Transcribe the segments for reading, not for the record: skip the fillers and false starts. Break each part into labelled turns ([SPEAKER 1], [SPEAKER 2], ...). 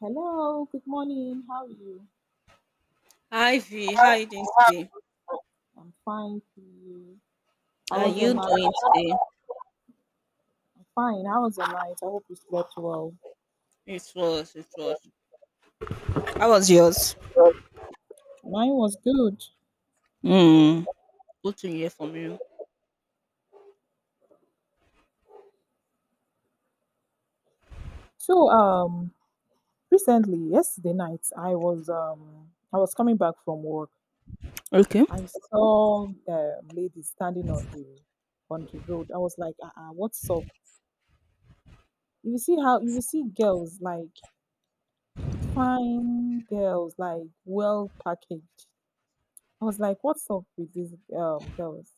[SPEAKER 1] Hello, good morning. How are you?
[SPEAKER 2] Hi V, how are you doing today?
[SPEAKER 1] I'm fine, you. How
[SPEAKER 2] Are
[SPEAKER 1] was your
[SPEAKER 2] you
[SPEAKER 1] night?
[SPEAKER 2] doing today?
[SPEAKER 1] I'm fine. How was your night? I hope you slept well.
[SPEAKER 2] It was, it was. How was yours?
[SPEAKER 1] Mine was good.
[SPEAKER 2] Hmm. Good to hear from you.
[SPEAKER 1] So, recently, yesterday night, I was coming back from work.
[SPEAKER 2] Okay.
[SPEAKER 1] I saw ladies standing on the road. I was like, what's up? You will see girls like fine girls, like well packaged. I was like, what's up with these girls?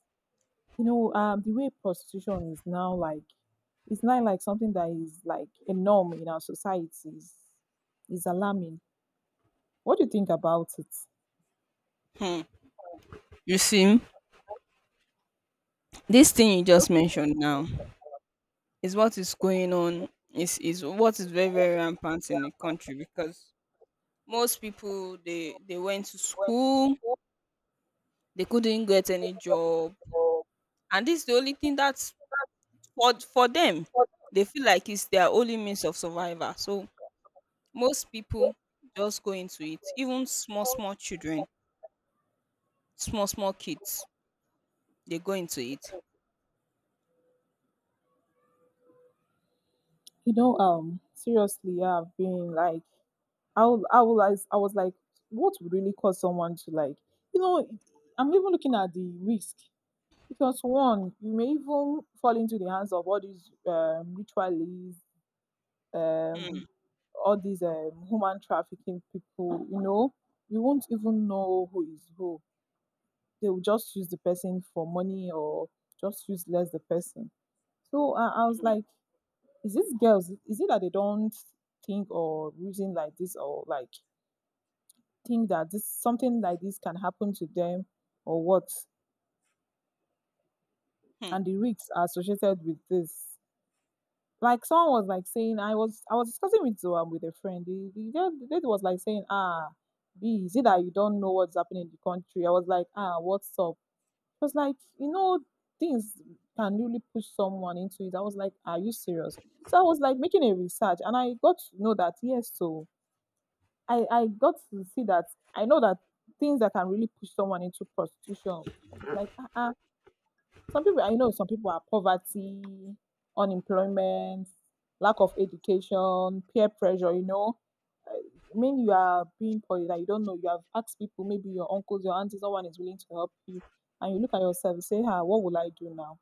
[SPEAKER 1] The way prostitution is now, like, it's not like something that is like a norm in our society is alarming. What do you think about it?
[SPEAKER 2] Hmm. You see, this thing you just mentioned now is what is going on. Is what is very very rampant in the country because most people they went to school, they couldn't get any job, and this is the only thing that's for them. They feel like it's their only means of survival. So most people just go into it. Even small, small children, small, small kids, they go into it.
[SPEAKER 1] Seriously, I've been like, I will, I will, I was like, what would really cause someone to, like, you know, I'm even looking at the risk. Because one, you may even fall into the hands of all these ritualists,
[SPEAKER 2] Hmm,
[SPEAKER 1] um all these human trafficking people, you won't even know who is who. They will just use the person for money, or just use less the person. So I was
[SPEAKER 2] hmm,
[SPEAKER 1] like, is this girls? Is it that they don't think or reason like this, or like think that this something like this can happen to them, or what?
[SPEAKER 2] hmm,
[SPEAKER 1] And the risks are associated with this. Like, someone was like saying, I was discussing with with a friend. The lady was like saying, ah, B, is it that you don't know what's happening in the country? I was like, ah, what's up? She was like, things can really push someone into it. I was like, are you serious? So I was like making a research, and I got to know that, yes. So I got to see that, I know that, things that can really push someone into prostitution. I was like, some people, I know some people, are poverty, unemployment, lack of education, peer pressure. Uh, I mean, you are being poor, that you don't know. You have asked people, maybe your uncles, your aunties, someone is willing to help you. And you look at yourself and say, ah, what will I do now?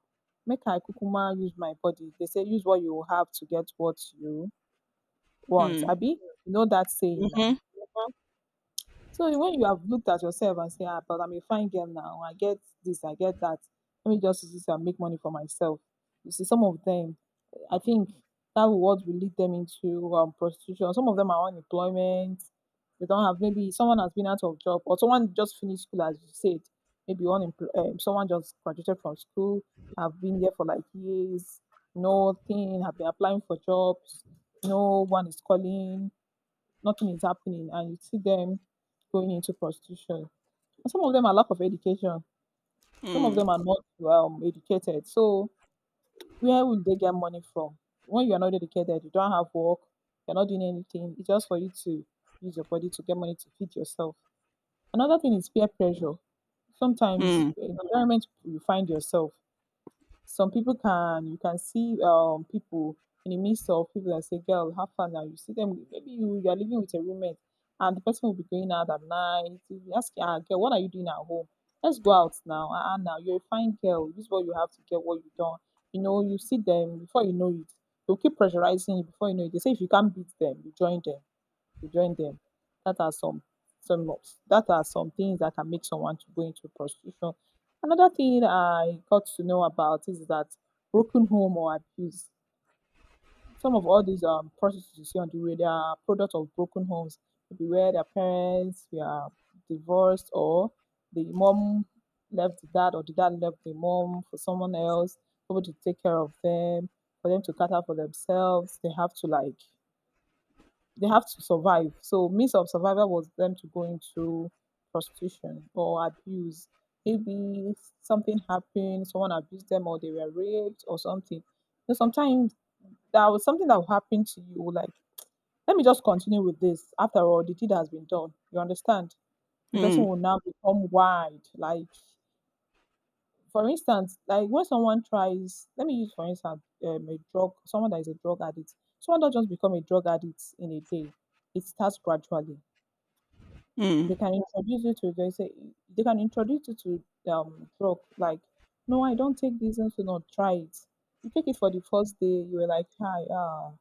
[SPEAKER 1] Make I kukuma use my body. They say, use what you have to get what you want.
[SPEAKER 2] hmm,
[SPEAKER 1] Abi, you know that saying now. So when you have looked at yourself and say, ah, but I'm a fine girl now, I get this, I get that. Let me just use this and make money for myself. You see, some of them, I think that will what will lead them into prostitution. Some of them are unemployment. They don't have, maybe someone has been out of job, or someone just finished school, as you said. Maybe unemployed. Someone just graduated from school, have been there for like years, nothing, have been applying for jobs, no one is calling, nothing is happening, and you see them going into prostitution. And some of them are lack of education. Some of
[SPEAKER 2] hmm,
[SPEAKER 1] them are not educated. So where will they get money from? When you are not educated, you don't have work, you're not doing anything, it's just for you to use your body to get money to feed yourself. Another thing is peer pressure.
[SPEAKER 2] hmm,
[SPEAKER 1] Sometimes
[SPEAKER 2] hmm,
[SPEAKER 1] in the environment you find yourself, some people can you can see people in the midst of people and say, "Girl, have fun now." You see them. Maybe you are living with a roommate, and the person will be going out at night. You be asking, "Ah, girl, what are you doing at home? Let's go out now. Ah, ah, now you're a fine girl, this is what you have to get. What you don't, you know. You see them, before you know it. They'll keep pressurizing you. Before you know it, they say if you can't beat them, you join them to join them. That are some some of- that are some things that can make someone to go into prostitution. Another thing I got to know about is that broken home or abuse. Some of all these prostitutes you see on the way, they are product of broken homes. Maybe where their parents were divorced, or the mom left the dad, or the dad left the mom for someone else, able to take care of them, for them to cater for themselves. They have to, like, they have to survive. So means of survival was them to go into prostitution. Or abuse. Maybe something happened, someone abused them, or they were raped or something. Sometimes that was something that will happen to you, like, let me just continue with this. After all, the deed has been done. You understand? The
[SPEAKER 2] hmm,
[SPEAKER 1] person will now become wide. Like, for instance, like when someone tries, let me use for instance, a drug, someone that is a drug addict. Someone don't just become a drug addict in a day. It starts gradually.
[SPEAKER 2] hmm,
[SPEAKER 1] They say they can introduce you to drug, like, no I don't take this and so not try it. You take it for the first day, you were like, hi, ah,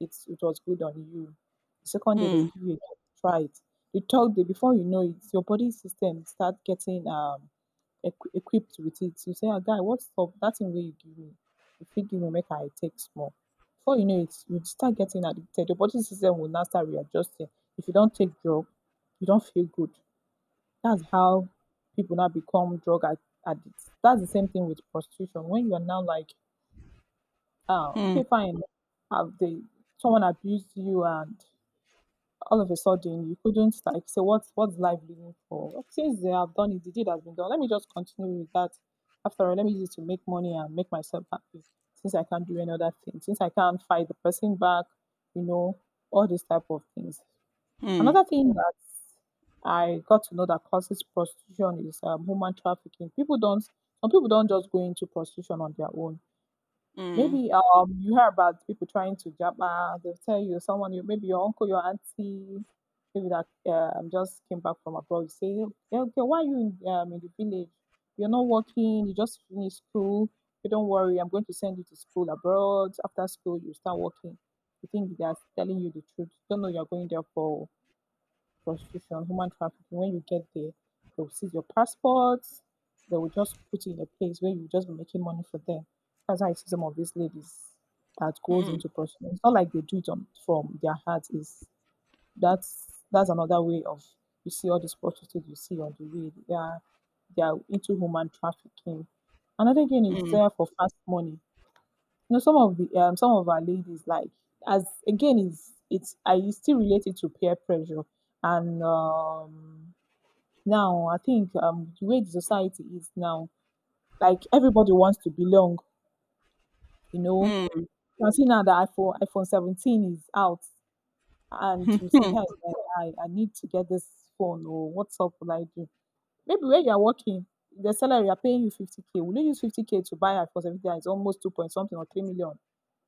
[SPEAKER 1] it was good on you. The second day, they will
[SPEAKER 2] hmm,
[SPEAKER 1] give you a try it. The third day, before you know it, your body system start getting equipped with it. You say, ah, guy, what's up? That thing way you give me. If you give me, make I take small. Before you know it, you start getting addicted. Your body system will now start readjusting. If you don't take drug, you don't feel good. That's how people now become drug addicts. That's the same thing with prostitution. When you are now like, ah,
[SPEAKER 2] hmm,
[SPEAKER 1] okay, fine, have they someone abused you, and all of a sudden you couldn't, like, say, what's life living for? Well, since they have done it, the deed has been done, let me just continue with that. After all, let me use it to make money and make myself happy. Since I can't do any other thing, since I can't fight the person back, you know, all these type of things. Another thing that I got to know that causes prostitution is human trafficking. People don't, some people don't just go into prostitution on their own.
[SPEAKER 2] hmm,
[SPEAKER 1] Maybe you hear about people trying to jabba. They'll tell you someone, you, maybe your uncle, your auntie, maybe that just came back from abroad. You say, "Yeah, okay, why are you in the village? You're not working, you just finished school. You don't worry, I'm going to send you to school abroad. After school, you start working." You think they are telling you the truth. You don't know you're going there for prostitution, human trafficking. When you get there, they will seize your passports. They will just put you in a place where you just be making money for them. That's how I see some of these ladies that
[SPEAKER 2] hmm,
[SPEAKER 1] goes
[SPEAKER 2] hmm,
[SPEAKER 1] into prostitution. It's not like they do it on, from their heart. Is that's another way of, you see all these prostitutes you see on the way, they are into human trafficking. Another again is
[SPEAKER 2] hmm,
[SPEAKER 1] there for fast money. Some of our ladies, like, as again is, it's still related to peer pressure. And now I think, the way the society is now, like everybody wants to belong, you know. You can see now that iPhone 17 is out, and you say,
[SPEAKER 2] hmm,
[SPEAKER 1] hey, I need to get this phone, or what's up will I do? Maybe where you are working, the salary are paying you 50K. Will you use 50K to buy iPhone 17 that is almost two point something or 3 million?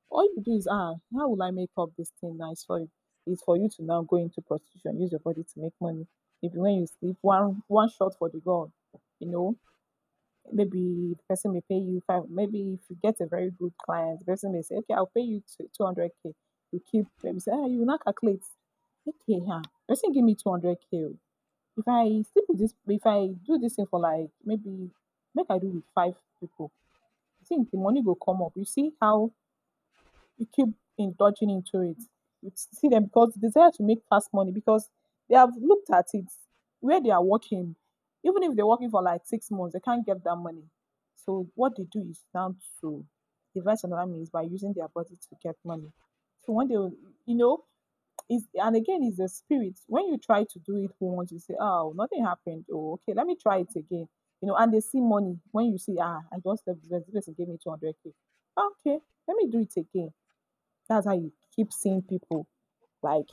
[SPEAKER 1] All you do is, ah, how will I make up this thing now? It's for you. It's for you to now go into prostitution, use your body to make money. Maybe when you sleep, one one shot for the god, you know maybe the person may pay you five. Maybe if you get a very good client, the person may say, okay, I'll pay you 200K. You keep, maybe say, ah, you will not calculate. Okay, huh, person give me 200K k. Oh. If I sleep with this, if I do this thing for like maybe, make I do with five people, I think the money will come up. You see how you keep indulging into it. You see them because they desire to make fast money, because they have looked at it, where they are working, even if they're working for like 6 months, they can't get that money. So what they do is now to devise another means by using their body to get money. So when they, will- you know, is and again is the spirit. When you try to do it once, you say, "Oh, nothing happened. Oh, okay, let me try it again." You know, and they see money when you see, "Ah, I just left this person gave me 200 k. Okay, let me do it again That's how you keep seeing people. Like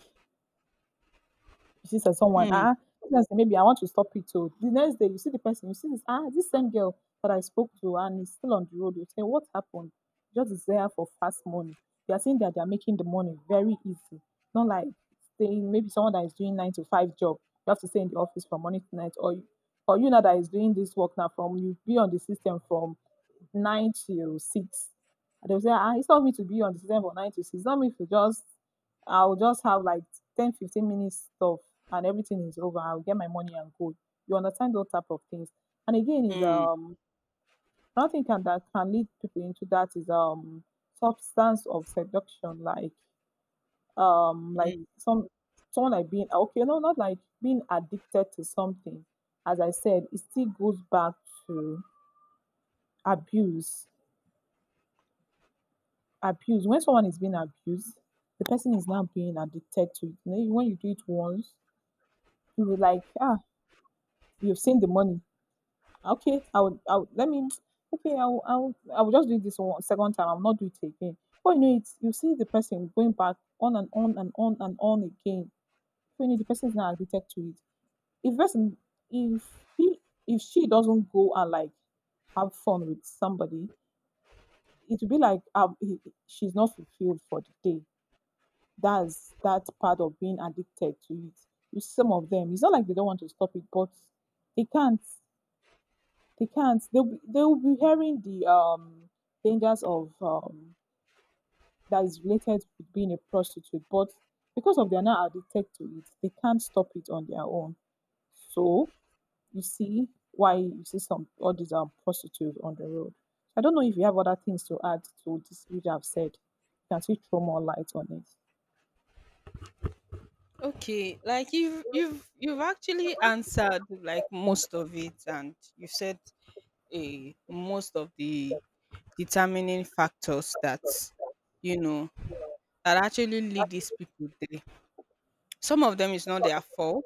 [SPEAKER 1] you see someone,
[SPEAKER 2] hmm,
[SPEAKER 1] ah, this next day maybe I want to stop it too. The next day you see the person, you see this same girl that I spoke to and is still on the road. You say, what happened? Just is there for fast money. They are saying that they are making the money very easy. Not like saying maybe someone that is doing 9 to 5 job, you have to stay in the office from morning to night, or you know that is doing this work now from you be on the system from 9 to 6. And they'll say, ah, it's not me to be on the system for 9 to 6. It's not me to just I'll just have like 10, 15 minutes stuff and everything is over. I'll get my money and go. You understand those type of things. And again is
[SPEAKER 2] hmm,
[SPEAKER 1] another thing can that can lead people into that is substance of seduction, like
[SPEAKER 2] hmm.
[SPEAKER 1] some someone like being okay, no, not like being addicted to something. As I said, it still goes back to abuse. Abuse. When someone is being abused, the person is now being addicted to it. You know, when you do it once, you will like, ah, you've seen the money. Okay, I would let me, okay, I will just do this one second time. I'll not do it again. But you know, it's, you see the person going back on and on and on and on again. So, you know, the person is now addicted to it. If person, if he, if she doesn't go and like have fun with somebody, it will be like she's not fulfilled for the day. That's that part of being addicted to it. With some of them, it's not like they don't want to stop it, but they can't. They can't. They'll be hearing the dangers of that is related with being a prostitute, but because of they're not addicted to it, they can't stop it on their own. So you see why you see some all these prostitutes on the road. I don't know if you have other things to add to this which I've said. You can still throw more light on it.
[SPEAKER 2] Okay, like you've actually answered like most of it, and you've said most of the determining factors that you know that actually lead these people there. Some of them is not their fault.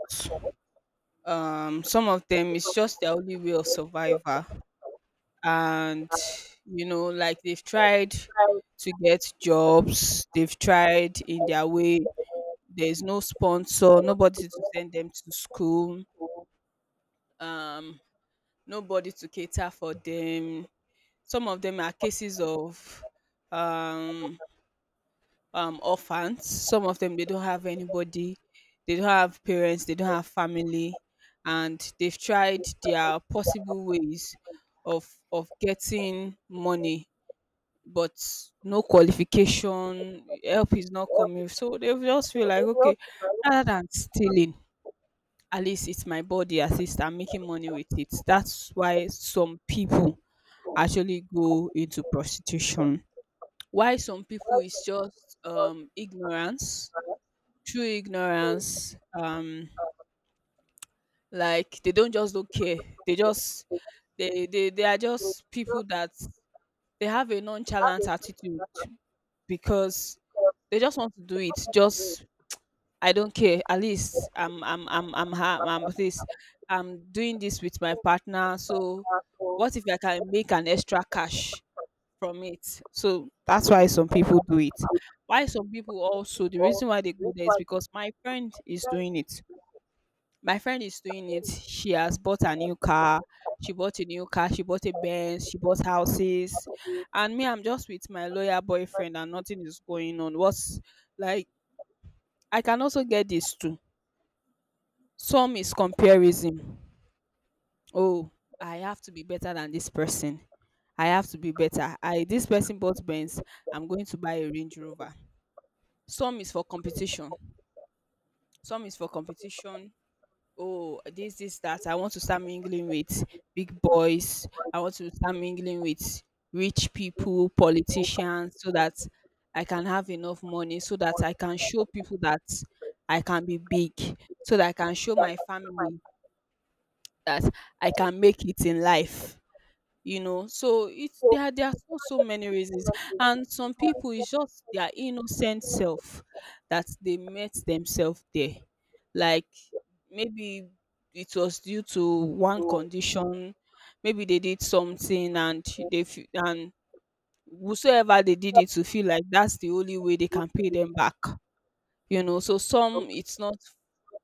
[SPEAKER 2] Some of them is just their only way of survival. And like they've tried to get jobs, they've tried in their way. There's no sponsor, nobody to send them to school, um, nobody to cater for them. Some of them are cases of um orphans. Some of them they don't have anybody, they don't have parents, they don't have family, and they've tried their possible ways of getting money, but no qualification, help is not coming, so they just feel like, okay, rather than stealing, at least it's my body, at least I'm making money with it. That's why some people actually go into prostitution. Why some people is just ignorance. True ignorance. Like they don't just don't care. They are just people that they have a nonchalant attitude because they just want to do it. Just I don't care. At least I'm this. I'm doing this with my partner. So what if I can make an extra cash from it? So that's why some people do it. Why some people also, the reason why they go there is because my friend is doing it. My friend is doing it. She has bought a new car. She bought a new car. She bought a Benz. She bought houses. And me, I'm just with my lawyer boyfriend and nothing is going on. What's like, I can also get this too. Some is comparison. Oh, I have to be better than this person. I have to be better. I this person bought Benz. I'm going to buy a Range Rover. Some is for competition. Some is for competition. Oh, this that I want to start mingling with big boys. I want to start mingling with rich people, politicians, so that I can have enough money, so that I can show people that I can be big, so that I can show my family that I can make it in life. So it's there are so so many reasons. And some people, it's just their innocent self that they met themselves there, like maybe it was due to one condition. Maybe they did something, and they feel, and whosoever they did it to feel like that's the only way they can pay them back. So some, it's not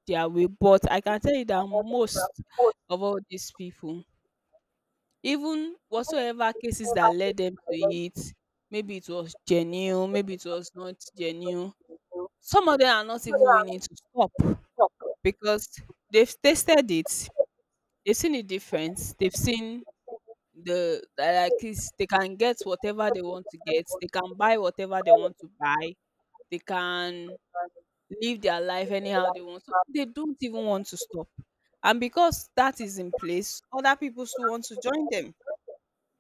[SPEAKER 2] their way, but I can tell you that most of all these people, even whatsoever cases that led them to it, maybe it was genuine, maybe it was not genuine. Some of them are not even willing to stop because they've tasted it, they've seen the difference, they've seen the, that, like, is they can get whatever they want to get, they can buy whatever they want to buy, they can live their life anyhow they want. So they don't even want to stop. And because that is in place, other people still want to join them.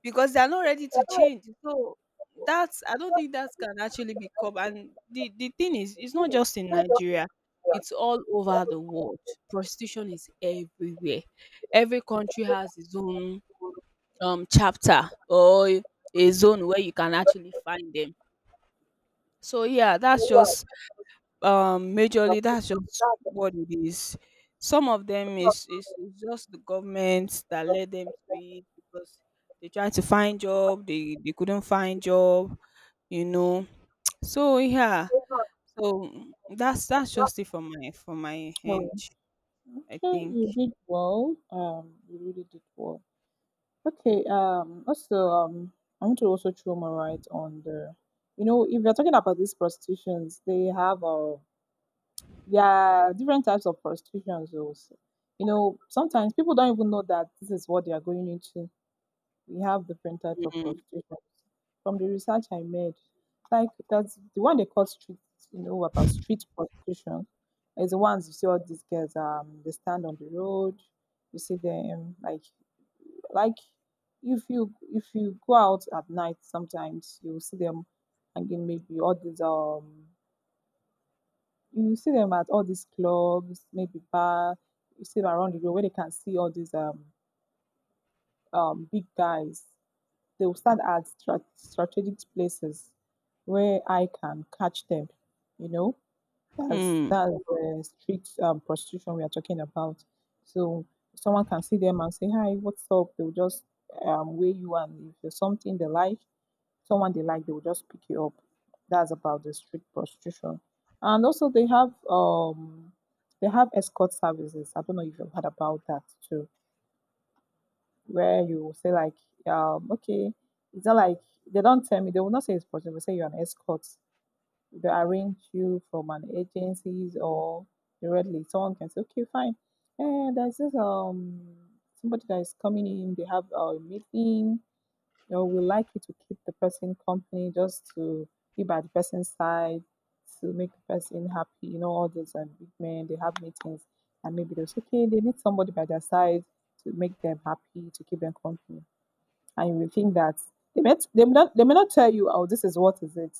[SPEAKER 2] Because they are not ready to change. So that's I don't think that can actually be curbed. And the thing is, it's not just in Nigeria, it's all over the world. Prostitution is everywhere. Every country has its own chapter or a zone where you can actually find them. So yeah, that's just majorly, that's just what it is. Some of them is just the government that led them to it because they trying to find job, they couldn't find job you know so yeah. So that's just it from my end. I
[SPEAKER 1] Okay,
[SPEAKER 2] think.
[SPEAKER 1] you did well. You really did well. Okay. I want to also throw my light on the, you know, if you're talking about these prostitutions, they have there are different types of prostitutions. Also, you know, sometimes people don't even know that this is what they are going into. We have different types of
[SPEAKER 2] Mm,
[SPEAKER 1] prostitution. From the research I made, like that's the one they call street, you know, about street prostitution. Is the ones you see all these girls, they stand on the road. You see them like if you go out at night, sometimes you will see them hanging maybe all these you see them at all these clubs, maybe bar. You see them around the road where they can see all these big guys. They will stand at strategic places where I can catch them. You know, that's
[SPEAKER 2] mm,
[SPEAKER 1] that's the street prostitution we are talking about. So someone can see them and say, "Hi, what's up?" They will just weigh you, and if there's something they like, someone they like, they will just pick you up. That's about the street prostitution. And also, they have escort services. I don't know if you've heard about that too where you will say like, okay, it's not like they don't tell me. They will not say it's possible. Say you're an escort. They arrange you from an agencies or directly. Someone can say, okay, fine. Eh, there's this somebody that is coming in. They have a meeting or we like you to keep the person company just to be by the person's side, to make the person happy. You know, all those big men, they have meetings, and maybe they're okay, they need somebody by their side to make them happy, to keep them company. And you will think that they may not tell you, oh, this is what is it.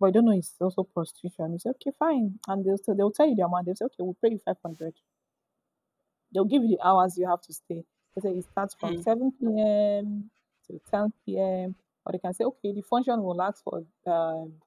[SPEAKER 1] But you don't know it's also prostitution. You say, okay, fine. And they'll, so they'll tell you the amount. They'll say, okay, we'll pay you 500. They'll give you the hours you have to stay. They say it starts from
[SPEAKER 2] mm,
[SPEAKER 1] 7 p.m. to 10 p.m. Or they can say, okay, the function will last for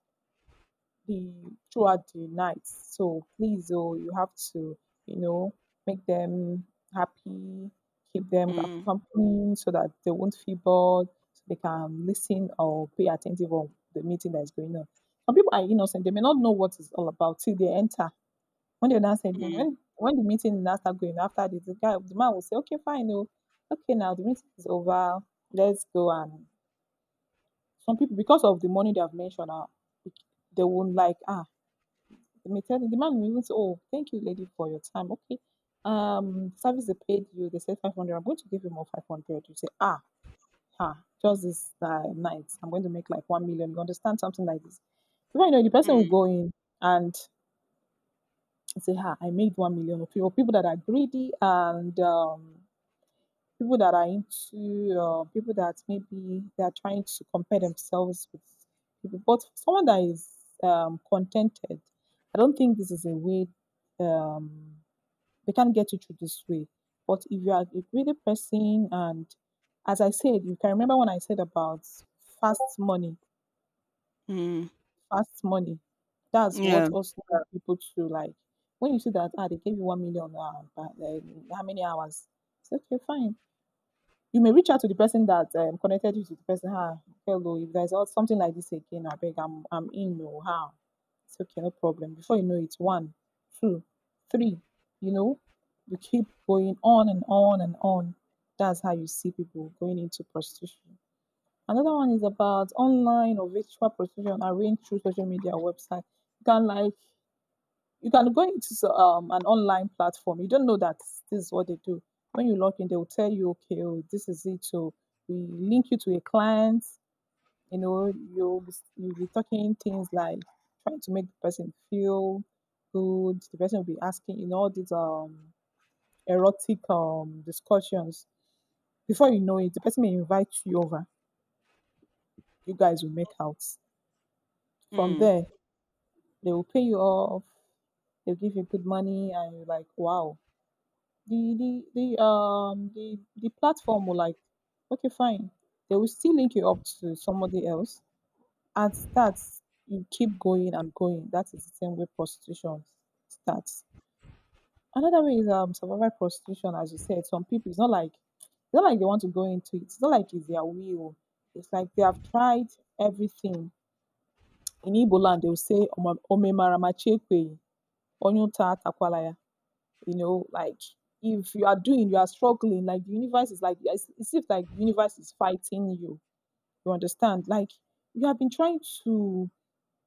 [SPEAKER 1] the throughout the night. So please, oh, you have to, you know, make them happy, keep them
[SPEAKER 2] mm,
[SPEAKER 1] accompanied so that they won't feel bored, so they can listen or pay attentive on the meeting that is going on. Some people are innocent; they may not know what it's all about till they enter when the other said,
[SPEAKER 2] mm,
[SPEAKER 1] when the meeting now start going after this, the guy, the man will say, okay, fine, oh okay, now the meeting is over, let's go. And some people, because of the money they have mentioned, they won't like ah. They may tell the man will even say, oh, thank you, lady, for your time. Okay, service they paid you. They said 500. I'm going to give you more 500. You say ah, ha, just this night, I'm going to make like 1 million. You understand something like this? Before you know, it, the
[SPEAKER 2] mm,
[SPEAKER 1] person will
[SPEAKER 2] mm.
[SPEAKER 1] go in and and say, "Ha, I made 1 million of people." People that are greedy and people that are into people that maybe they are trying to compare themselves with people. But for someone that is contented, I don't think this is a way. Um, they can't get you through this way. But if you are a greedy person, and as I said, you can remember when I said about fast money
[SPEAKER 2] Mm.
[SPEAKER 1] fast money. That's what
[SPEAKER 2] Yeah.
[SPEAKER 1] also help people to like when you see that ah they gave you 1 million ah but how many hours? It's like, okay, fine. You may reach out to the person that connected you to the person. Ah, hello, if there's something like this again, I beg, I'm in. No, how? It's okay, no problem. Before you know it, one, two, three. You know, you keep going on and on and on. That's how you see people going into prostitution. Another one is about online or virtual prostitution arranged through social media or website. You can like you can go into an online platform. You don't know that this is what they do. When you log in, they will tell you, okay, oh, this is it. So we link you to a client. You know, you'll be talking things like trying to make the person feel good. The person will be asking, you know, all these erotic discussions. Before you know it, the person may invite you over. You guys will make out. From
[SPEAKER 2] Mm.
[SPEAKER 1] there, they will pay you off. They'll give you good money, and you're like, wow. The the the platform will like, okay, fine. They will still link you up to somebody else, and starts. You keep going and going. That is the same way prostitution starts. Another way is survival prostitution, as you said. Some people, it's not like they want to go into it. It's not like it's their will. It's like they have tried everything. In Igbo land, they will say "Oma- Omemaramachepe. On your tat akwalaya. You know, like if you are doing, you are struggling, like the universe is it seems like the universe is fighting you. You understand? Like you have been trying to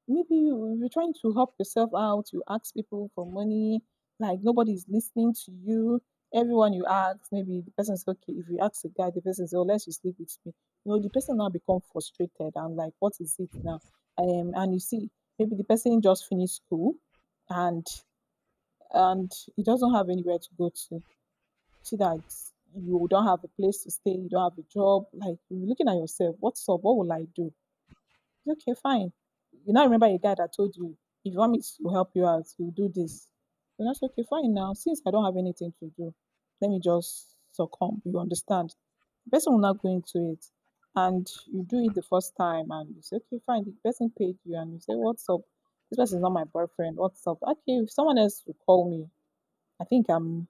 [SPEAKER 1] maybe you're trying to help yourself out, you ask people for money, like nobody's listening to you. Everyone you ask, maybe the person is okay. If you ask a guy, the person says, oh, let's just sleep with me. You know, the person now become frustrated and like, what is it now? And you see, maybe the person just finished school and he doesn't have anywhere to go to. See that you don't have a place to stay, you don't have a job. Like you're looking at yourself, what's up? What will I do? It's okay, fine. You now remember a guy that told you, if you want me to help you out, you do this. Then that's okay, fine now. Since I don't have anything to do, let me just succumb. You understand? The person will not go into it. And you do it the first time and you say, okay, fine, the person paid you and you say, what's up? This person is not my boyfriend. What's up? Okay, if someone else will call me, I think I'm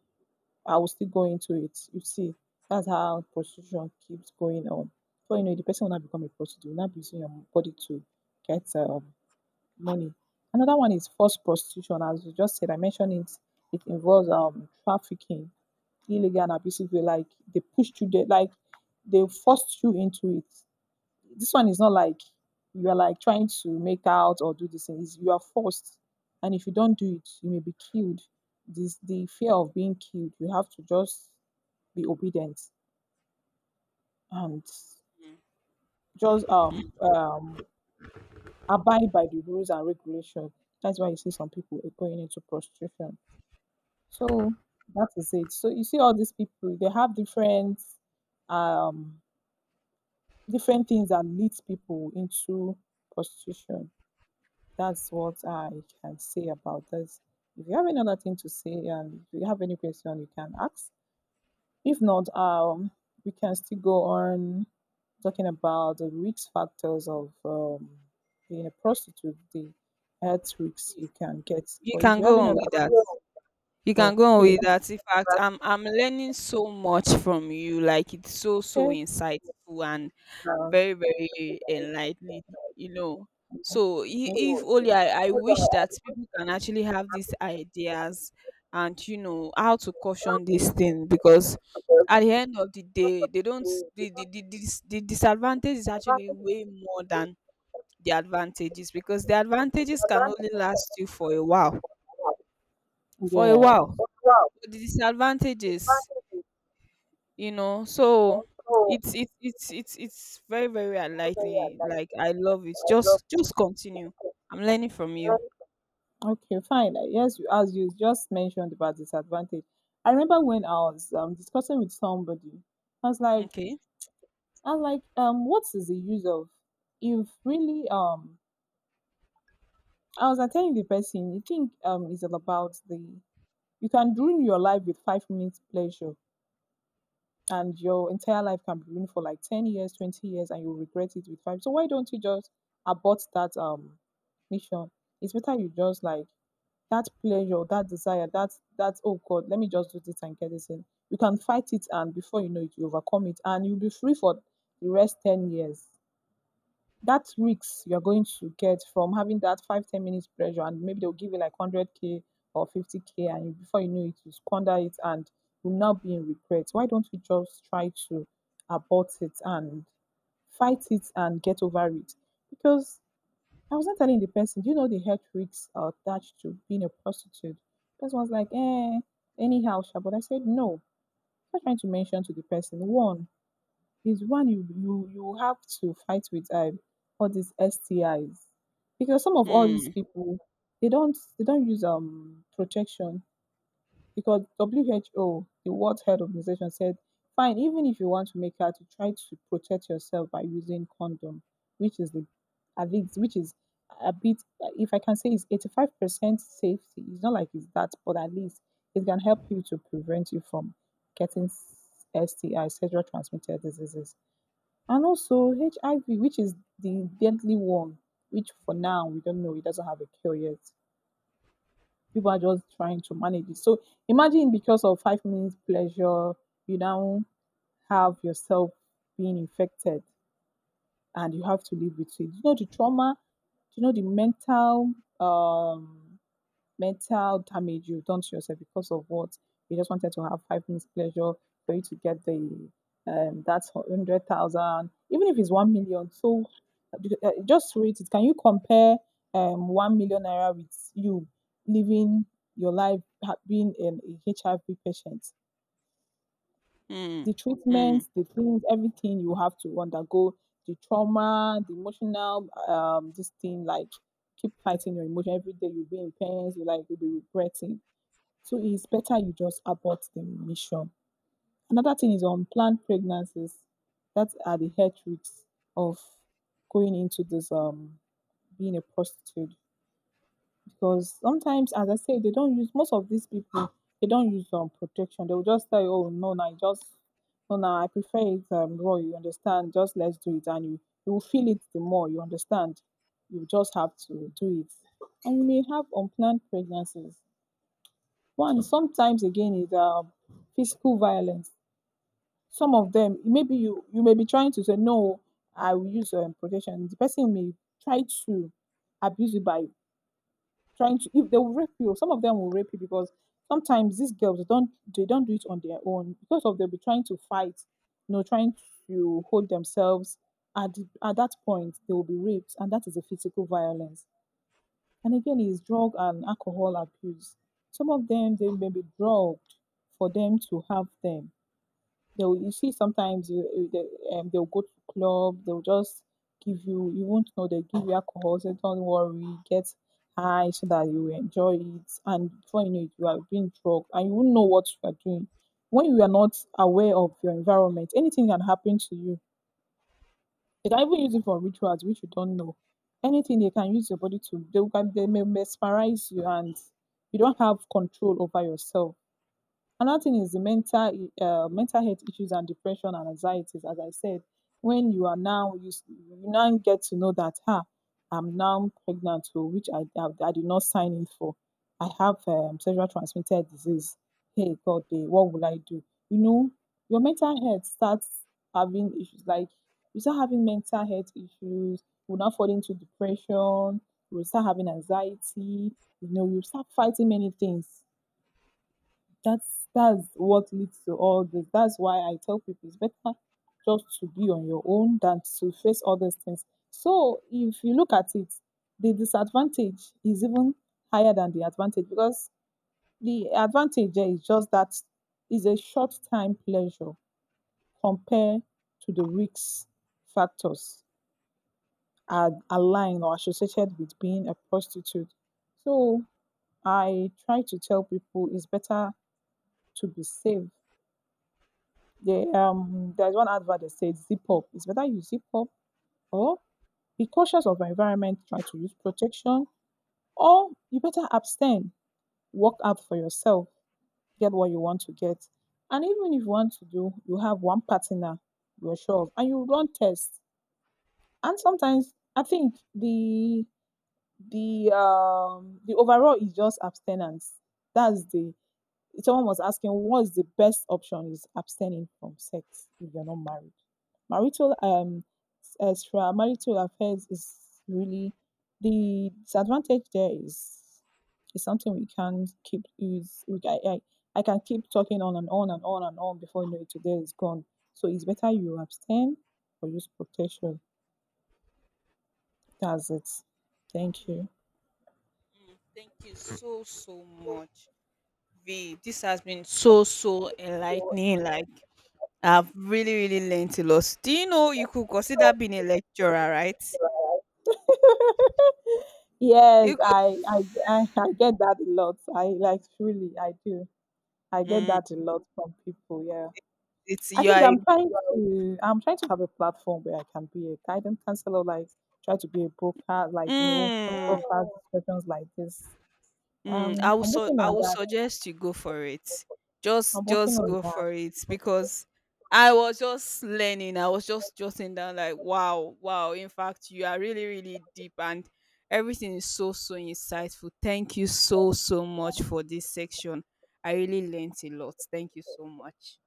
[SPEAKER 1] I will still go into it. You see, that's how prostitution keeps going on. So the person will not become a prostitute, will not be using your body to get money. Another one is forced prostitution, as you just said. I mentioned it. It involves trafficking, illegal and abusive way. Like they pushed you, there, like they forced you into it. This one is not like you are like trying to make out or do this thing. You are forced, and if you don't do it, you may be killed. This the fear of being killed. You have to just be obedient and just abide by the rules and regulations. That's why you see some people are going into prostitution. So that is it. So you see all these people, they have different um different things that leads people into prostitution. That's what I can say about this. If you have any other thing to say and if you have any question, you can ask. If not, we can still go on talking about the risk factors of being a prostitute, the health risks you can get.
[SPEAKER 2] You
[SPEAKER 1] But if
[SPEAKER 2] can
[SPEAKER 1] you have
[SPEAKER 2] go
[SPEAKER 1] any
[SPEAKER 2] on
[SPEAKER 1] other,
[SPEAKER 2] with that. You can go on
[SPEAKER 1] okay,
[SPEAKER 2] with that. In fact, I'm learning so much from you. Like it's so so
[SPEAKER 1] okay,
[SPEAKER 2] insightful and
[SPEAKER 1] uh,
[SPEAKER 2] very very enlightening. You know. So if
[SPEAKER 1] okay.
[SPEAKER 2] only I wish that people can actually have these ideas and how to caution this thing because at the end of the day, they don't the disadvantage is actually way more than the advantages, because the advantages can only last you for a while, for a
[SPEAKER 1] Yeah,
[SPEAKER 2] while. The disadvantages, so it's very very enlightening. Like I love it. Just continue. I'm learning from you.
[SPEAKER 1] okay, fine. Yes, as you just mentioned about disadvantage. I remember when I was discussing with somebody, I was like,
[SPEAKER 2] Okay.
[SPEAKER 1] what is the use of, if really I was like telling the person, you think it's all about the, you can ruin your life with 5 minutes pleasure, and your entire life can be ruined for like 10 years, 20 years, and you'll regret it with five, so why don't you just abort that mission. It's better you just like that pleasure, that desire, that oh god, let me just do this and get this in. You can fight it, and before you know it you overcome it, and you'll be free for the rest 10 years. That risk you're going to get from having that 5, 10 minutes pressure, and maybe they'll give you like 100K or 50K, and before you know it you squander it, and you'll now be in regret. Why don't you just try to abort it and fight it and get over it? Because I was not telling the person, do you know the health risks are attached to being a prostitute? The person was like, eh, anyhow sha. But I said no, I'm not trying to mention to the person. One is, one, you have to fight with all these STIs, because some of all these
[SPEAKER 2] Mm,
[SPEAKER 1] people they don't use protection. Because WHO, the World Health Organization, said fine, even if you want to make out, to try to protect yourself by using condom, which is the, I think which is a bit, if I can say, it's 85% safety. It's not like it's that, but at least it can help you to prevent you from getting STI, sexual transmitted diseases, and also HIV, which is the deadly one, which for now we don't know, it doesn't have a cure yet. People are just trying to manage it. So imagine, because of 5 minutes pleasure, you now have yourself being infected, and you have to live with it. You know the trauma, you know the um mental damage you've done to yourself because of what? You just wanted to have 5 minutes pleasure for you to get the that's 100,000, even if it's 1 million. So just rate it, can you compare 1 million naira with you living your life being a HIV patient?
[SPEAKER 2] mm,
[SPEAKER 1] The
[SPEAKER 2] mm.
[SPEAKER 1] treatments, the things, everything you have to undergo, the trauma, the emotional this thing, like keep fighting your emotion every day, you'll be in pains, you like you'll be regretting. So it's better you just abort the mission. Another thing is unplanned pregnancies, that are the health risks of going into this, being a prostitute, because sometimes as I say they don't use, most of these people they don't use protection. They will just say, oh no, no, it just no, no, I prefer it raw. You understand? Just let's do it, and you will feel it the more. You understand? You just have to do it, and you may have unplanned pregnancies. One, sometimes again is physical violence. Some of them, maybe you may be trying to say no, I will use protection. The person may try to abuse you by trying to. If they will rape you, some of them will rape you, because sometimes these girls they don't do it on their own, because of they'll be trying to fight, you know, trying to hold themselves. At, at that point, they will be raped, and that is a physical violence. And again, is drug and alcohol abuse. Some of them, they may be drugged for them to have them. They'll, you see, sometimes you, they'll go to club, they'll just give you, you won't know, they give you alcohol, say, don't worry, get high so that you enjoy it. And before you know it, you are being drugged and you won't know what you are doing. When you are not aware of your environment, anything can happen to you. They can even use it for rituals which you don't know. Anything they can use your body to, they may mesmerize you, and you don't have control over yourself. Another thing is the mental health issues and depression and anxieties. As I said, when you are now you, you now get to know that I'm now pregnant, or which I did not sign in for. I have sexual transmitted disease. Hey God, what will I do? You know, your mental health starts having issues. Like you start having mental health issues, you will now fall into depression. You will start having anxiety. You know, you start fighting many things. That's what leads to all this. That's why I tell people it's better just to be on your own than to face all these things. So if you look at it, the disadvantage is even higher than the advantage, because the advantage there is just that, is a short time pleasure compared to the risks factors are aligned or associated with being a prostitute. So I try to tell people it's better to be safe. They, there's one advert that says zip up. It's better you zip up, or be cautious of your environment, try to use protection, or you better abstain, work out for yourself, get what you want to get. And even if you want to do, you have one partner you're sure of, and you run tests. And sometimes I think the overall is just abstinence. That's the, someone was asking, what's the best option? Is abstaining from sex if you're not married. Marital extra marital affairs is really, the disadvantage there is something we can keep is, we I can keep talking on and on and on and on, before you know it today is gone. So it's better you abstain or use protection. That's it. Thank you.
[SPEAKER 2] Mm, thank you so so much, V. This has been so so enlightening. Like I've really really learned a lot. Do you know you could consider being a lecturer, right?
[SPEAKER 1] Yes,
[SPEAKER 2] You could.
[SPEAKER 1] I get that a lot. I like really I do. I get
[SPEAKER 2] Mm.
[SPEAKER 1] that a lot from people. Yeah.
[SPEAKER 2] it's
[SPEAKER 1] I
[SPEAKER 2] You
[SPEAKER 1] think
[SPEAKER 2] are a,
[SPEAKER 1] I'm trying to have a platform where I can be a guidance counselor, like try to be a broker, like you know, have
[SPEAKER 2] mm.
[SPEAKER 1] broker discussions like this.
[SPEAKER 2] Mm, I would
[SPEAKER 1] I'm working
[SPEAKER 2] I
[SPEAKER 1] on
[SPEAKER 2] would
[SPEAKER 1] that.
[SPEAKER 2] suggest you go for it.
[SPEAKER 1] I'm
[SPEAKER 2] Just
[SPEAKER 1] working
[SPEAKER 2] just
[SPEAKER 1] on
[SPEAKER 2] go
[SPEAKER 1] that.
[SPEAKER 2] for it because I was just learning. I was just jotting down like wow, wow. In fact, you are really, really deep and everything is so so insightful. Thank you so so much for this section. I really learned a lot. Thank you so much.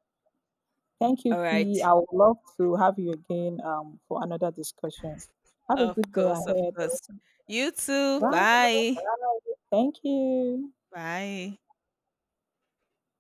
[SPEAKER 1] Thank you,
[SPEAKER 2] All
[SPEAKER 1] P.
[SPEAKER 2] right.
[SPEAKER 1] I would love to have you again for another discussion. Have a
[SPEAKER 2] Of
[SPEAKER 1] good day
[SPEAKER 2] course, of
[SPEAKER 1] ahead.
[SPEAKER 2] course. You too. Bye.
[SPEAKER 1] Thank you.
[SPEAKER 2] Bye.